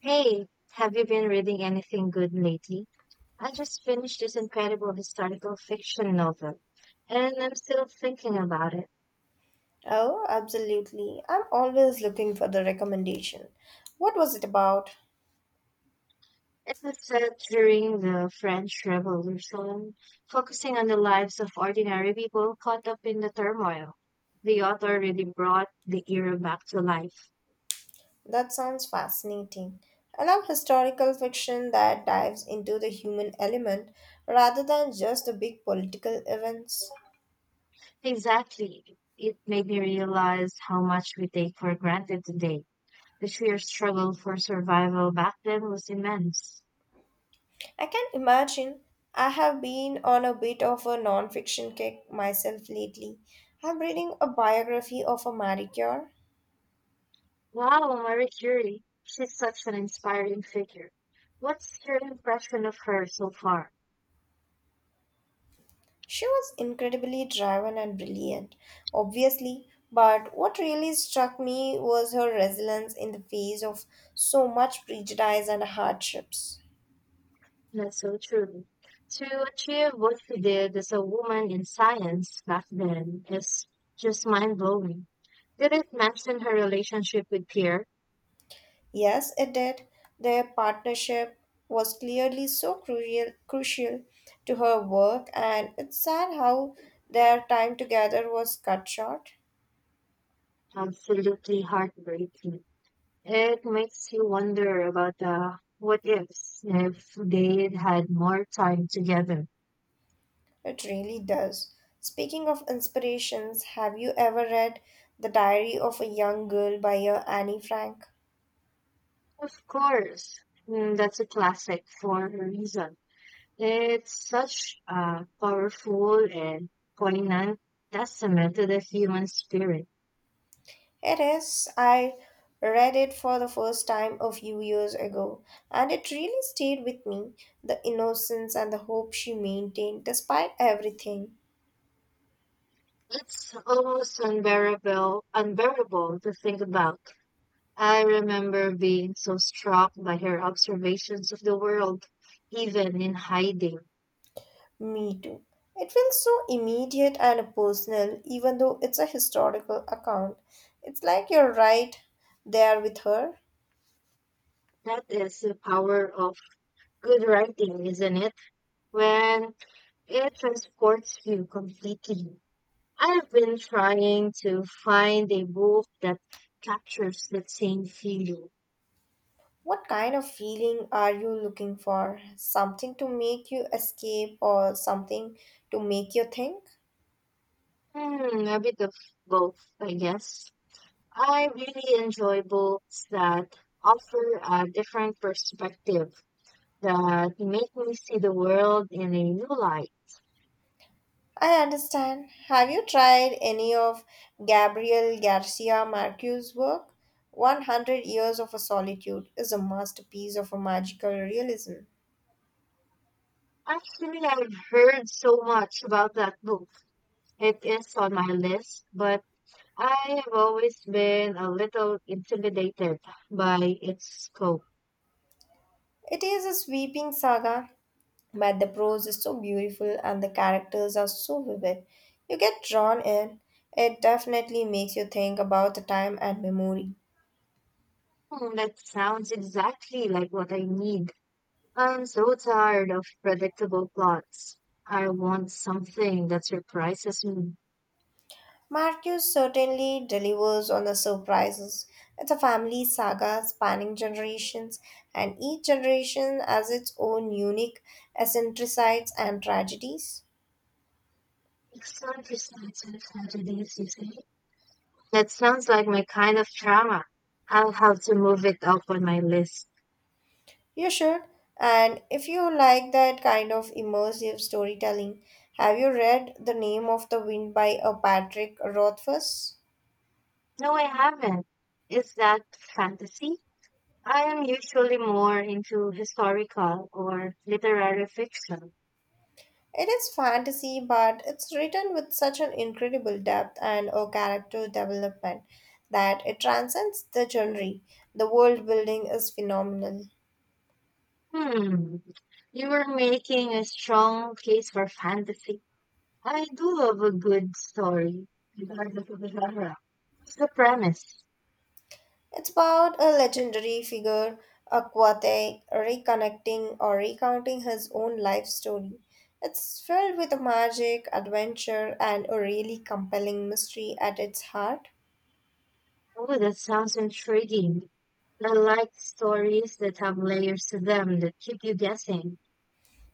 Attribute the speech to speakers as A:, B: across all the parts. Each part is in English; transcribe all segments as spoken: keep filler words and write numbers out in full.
A: Hey, have you been reading anything good lately? I just finished this incredible historical fiction novel, and I'm still thinking about it.
B: Oh, absolutely. I'm always looking for the recommendation. What was it about?
A: It was set during the French Revolution, focusing on the lives of ordinary people caught up in the turmoil. The author really brought the era back to life.
B: That sounds fascinating. I love historical fiction that dives into the human element rather than just the big political events.
A: Exactly. It made me realize how much we take for granted today. The sheer struggle for survival back then was immense.
B: I can imagine. I have been on a bit of a non fiction kick myself lately. I'm reading a biography of a Marie Curie.
A: Wow, Marie Curie. She's such an inspiring figure. What's your impression of her so far?
B: She was incredibly driven and brilliant, obviously, but what really struck me was her resilience in the face of so much prejudice and hardships.
A: That's so true. To achieve what she did as a woman in science back then is just mind blowing. Didn't mention her relationship with Pierre.
B: Yes, it did. Their partnership was clearly so crucial, crucial to her work, and it's sad how their time together was cut short.
A: Absolutely heartbreaking. It makes you wonder about the what ifs if they had more time together.
B: It really does. Speaking of inspirations, have you ever read The Diary of a Young Girl by uh, Annie Frank?
A: Of course. Mm, that's a classic for a reason. It's such a powerful and poignant testament to the human spirit.
B: It is. I read it for the first time a few years ago, and it really stayed with me the innocence and the hope she maintained despite everything.
A: It's almost unbearable, unbearable to think about. I remember being so struck by her observations of the world, even in hiding.
B: Me too. It feels so immediate and personal, even though it's a historical account. It's like you're right there with her.
A: That is the power of good writing, isn't it? When it transports you completely. I've been trying to find a book that captures that same feeling.
B: What kind of feeling are you looking for? Something to make you escape, or something to make you think?
A: Hmm, a bit of both, I guess. I really enjoy books that offer a different perspective that make me see the world in a new light.
B: I understand. Have you tried any of Gabriel Garcia Marquez's work? one hundred Years of a Solitude is a masterpiece of a magical realism.
A: Actually, I've heard so much about that book. It is on my list, but I have always been a little intimidated by its scope.
B: It is a sweeping saga, but the prose is so beautiful and the characters are so vivid. You get drawn in. It definitely makes you think about the time and memory.
A: Hmm, that sounds exactly like what I need. I'm so tired of predictable plots. I want something that surprises me.
B: Marcus certainly delivers on the surprises. It's a family saga spanning generations, and each generation has its own unique eccentricities and tragedies.
A: That sounds like my kind of drama. I'll have to move it up on my list.
B: You should, and if you like that kind of immersive storytelling, have you read The Name of the Wind by a Patrick Rothfuss?
A: No, I haven't. Is that fantasy? I am usually more into historical or literary fiction.
B: It is fantasy, but it's written with such an incredible depth and a character development that it transcends the genre. The world building is phenomenal.
A: Hmm, you were making a strong case for fantasy. I do love a good story. What's the premise?
B: It's about a legendary figure, Akwate, reconnecting or recounting his own life story. It's filled with magic, adventure, and a really compelling mystery at its heart.
A: Oh, that sounds intriguing. I like stories that have layers to them that keep you guessing.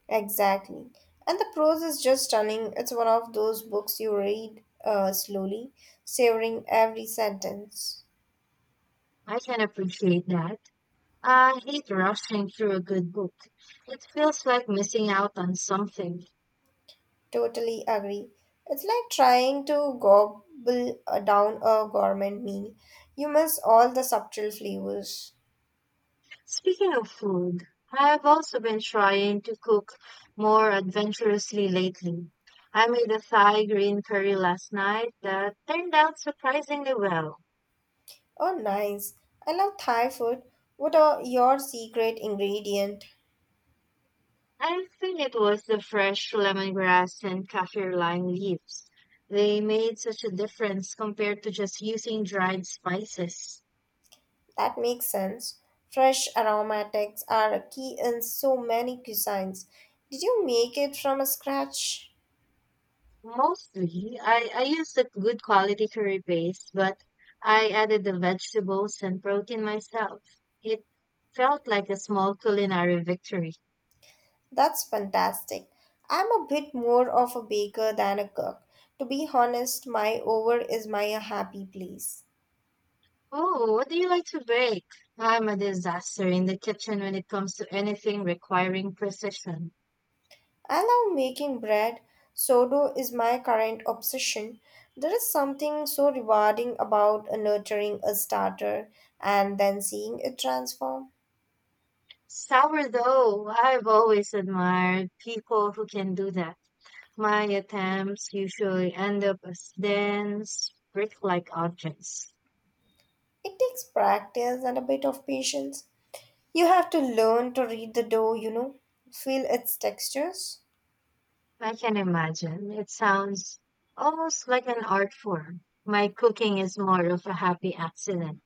B: Exactly. And the prose is just stunning. It's one of those books you read uh, slowly, savoring every sentence.
A: I can appreciate that. I hate rushing through a good book. It feels like missing out on something.
B: Totally agree. It's like trying to gobble uh, down a gourmet meal. You miss all the subtle flavors.
A: Speaking of food, I've also been trying to cook more adventurously lately. I made a Thai green curry last night that turned out surprisingly well.
B: Oh, nice. I love Thai food. What are your secret ingredient?
A: I think it was the fresh lemongrass and kaffir lime leaves. They made such a difference compared to just using dried spices.
B: That makes sense. Fresh aromatics are a key in so many cuisines. Did you make it from scratch?
A: Mostly, I, I used a good quality curry paste, but I added the vegetables and protein myself. It felt like a small culinary victory.
B: That's fantastic. I'm a bit more of a baker than a cook. To be honest, my oven is my happy place.
A: Oh, what do you like to bake? I'm a disaster in the kitchen when it comes to anything requiring precision.
B: I love making bread. Sourdough is my current obsession. There is something so rewarding about nurturing a starter and then seeing it transform.
A: Sourdough, I've always admired people who can do that. My attempts usually end up as dense, brick-like objects.
B: It takes practice and a bit of patience. You have to learn to read the dough, you know, feel its textures.
A: I can imagine. It sounds almost like an art form. My cooking is more of a happy accident.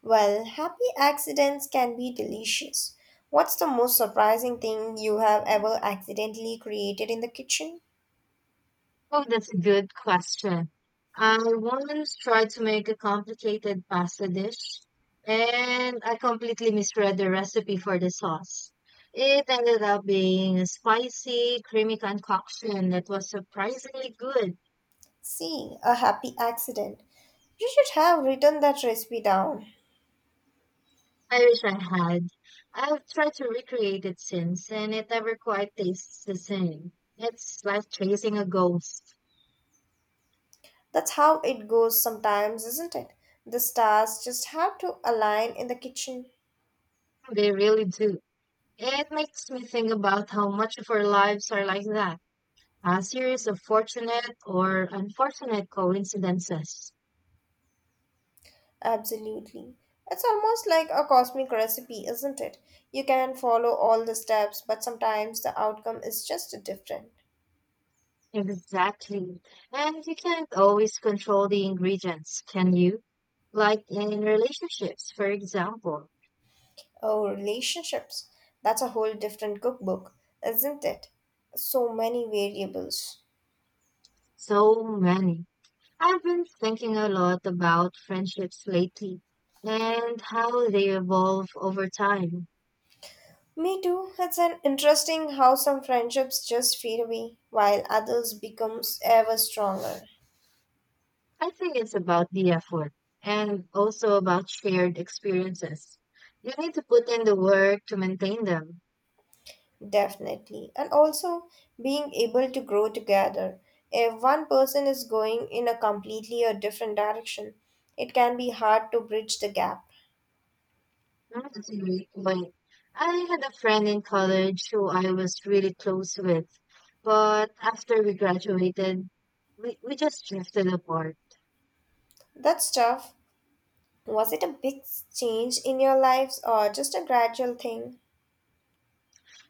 B: Well, happy accidents can be delicious. What's the most surprising thing you have ever accidentally created in the kitchen?
A: Oh, that's a good question. I once tried to make a complicated pasta dish, and I completely misread the recipe for the sauce. It ended up being a spicy, creamy concoction that was surprisingly good.
B: See, a happy accident. You should have written that recipe down.
A: I wish I had. I've tried to recreate it since, and it never quite tastes the same. It's like chasing a ghost.
B: That's how it goes sometimes, isn't it? The stars just have to align in the kitchen.
A: They really do. It makes me think about how much of our lives are like that. A series of fortunate or unfortunate coincidences.
B: Absolutely. It's almost like a cosmic recipe, isn't it? You can follow all the steps, but sometimes the outcome is just different.
A: Exactly. And you can't always control the ingredients, can you? Like in relationships, for example.
B: Oh, relationships. That's a whole different cookbook, isn't it? So many variables.
A: So many. I've been thinking a lot about friendships lately and how they evolve over time.
B: Me too. It's an interesting how some friendships just fade away while others becomes ever stronger.
A: I think it's about the effort and also about shared experiences. You need to put in the work to maintain them.
B: Definitely. And also being able to grow together. If one person is going in a completely a different direction, it can be hard to bridge the gap.
A: That's a great point. I had a friend in college who I was really close with, but after we graduated, we, we just drifted apart.
B: That's tough. Was it a big change in your lives or just a gradual thing?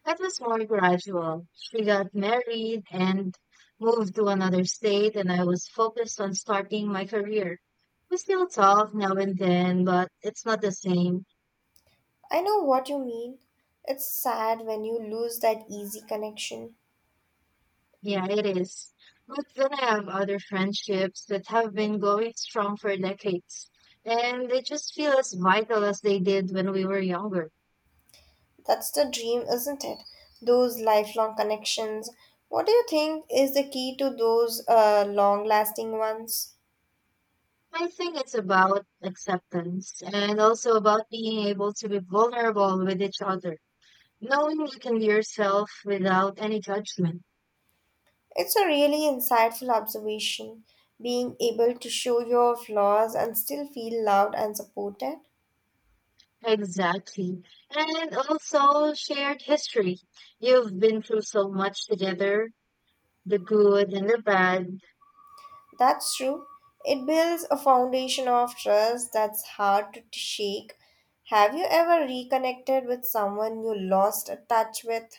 A: It was more gradual. She got married and moved to another state, and I was focused on starting my career. We still talk now and then, but it's not the same.
B: I know what you mean. It's sad when you lose that easy connection.
A: Yeah, it is. But then I have other friendships that have been going strong for decades, and they just feel as vital as they did when we were younger.
B: That's the dream, isn't it? Those lifelong connections. What do you think is the key to those uh, long lasting ones?
A: I think it's about acceptance and also about being able to be vulnerable with each other, knowing you can be yourself without any judgment.
B: It's a really insightful observation. Being able to show your flaws and still feel loved and supported.
A: Exactly. And also shared history. You've been through so much together, the good and the bad.
B: That's true. It builds a foundation of trust that's hard to shake. Have you ever reconnected with someone you lost touch with?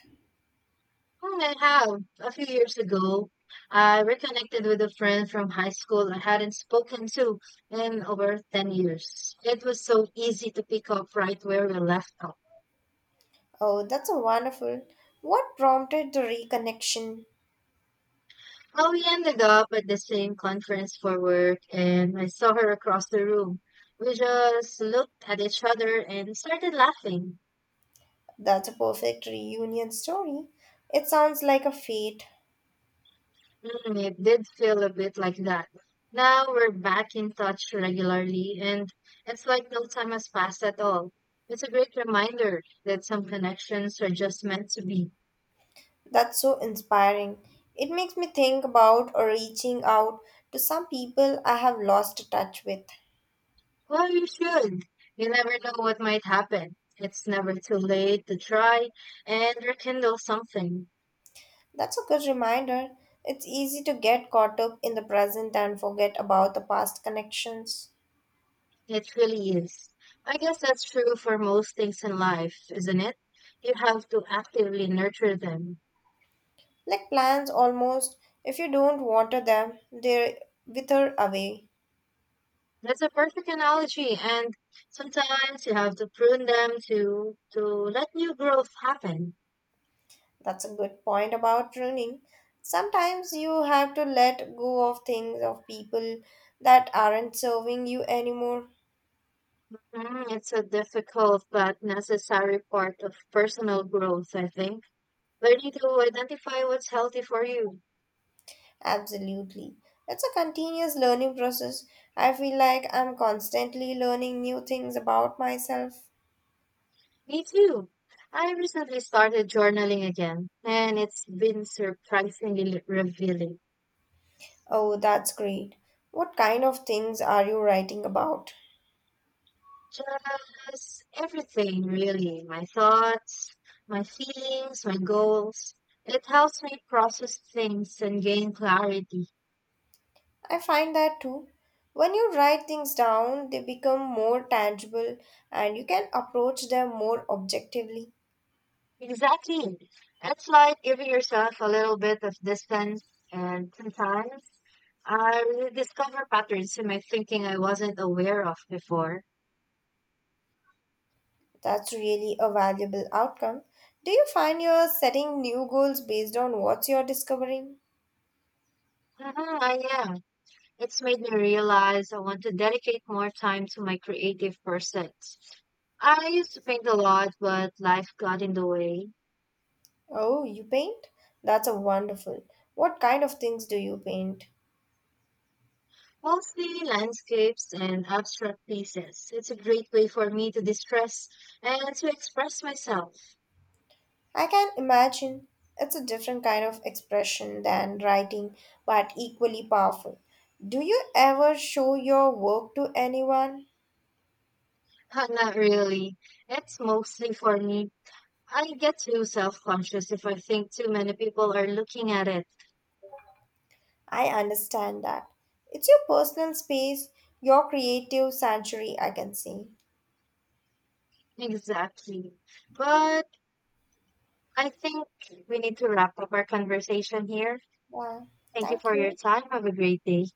A: Hmm, I have. A few years ago, I reconnected with a friend from high school I hadn't spoken to in over ten years. It was so easy to pick up right where we left off.
B: Oh, that's a wonderful. What prompted the reconnection?
A: Well, we ended up at the same conference for work, and I saw her across the room. We just looked at each other and started laughing.
B: That's a perfect reunion story. It sounds like a fate.
A: Mm, it did feel a bit like that. Now we're back in touch regularly, and it's like no time has passed at all. It's a great reminder that some connections are just meant to be.
B: That's so inspiring. It makes me think about or reaching out to some people I have lost touch with.
A: Well, you should. You never know what might happen. It's never too late to try and rekindle something.
B: That's a good reminder. It's easy to get caught up in the present and forget about the past connections.
A: It really is. I guess that's true for most things in life, isn't it? You have to actively nurture them.
B: Like plants almost, if you don't water them, they wither away.
A: That's a perfect analogy, and sometimes you have to prune them to to let new growth happen.
B: That's a good point about pruning. Sometimes you have to let go of things, of people that aren't serving you anymore.
A: Mm, it's a difficult but necessary part of personal growth, I think. Learning to identify what's healthy for you.
B: Absolutely. It's a continuous learning process. I feel like I'm constantly learning new things about myself.
A: Me too. I recently started journaling again, and it's been surprisingly revealing.
B: Oh, that's great. What kind of things are you writing about?
A: Just everything, really. My thoughts, my feelings, my goals. It helps me process things and gain clarity.
B: I find that too. When you write things down, they become more tangible and you can approach them more objectively.
A: Exactly. It's like giving yourself a little bit of distance, and sometimes I really discover patterns in my thinking I wasn't aware of before.
B: That's really a valuable outcome. Do you find you're setting new goals based on what you're discovering?
A: Mhm, I am. It's made me realize I want to dedicate more time to my creative pursuits. I used to paint a lot, but life got in the way.
B: Oh, you paint? That's a wonderful. What kind of things do you paint?
A: Mostly landscapes and abstract pieces. It's a great way for me to distress and to express myself.
B: I can imagine. It's a different kind of expression than writing, but equally powerful. Do you ever show your work to anyone?
A: Not really. It's mostly for me. I get too self conscious if I think too many people are looking at it.
B: I understand that. It's your personal space, your creative sanctuary, I can say.
A: Exactly. But I think we need to wrap up our conversation here.
B: Yeah,
A: Thank you
B: thank
A: for your
B: you.
A: time. Have a great day.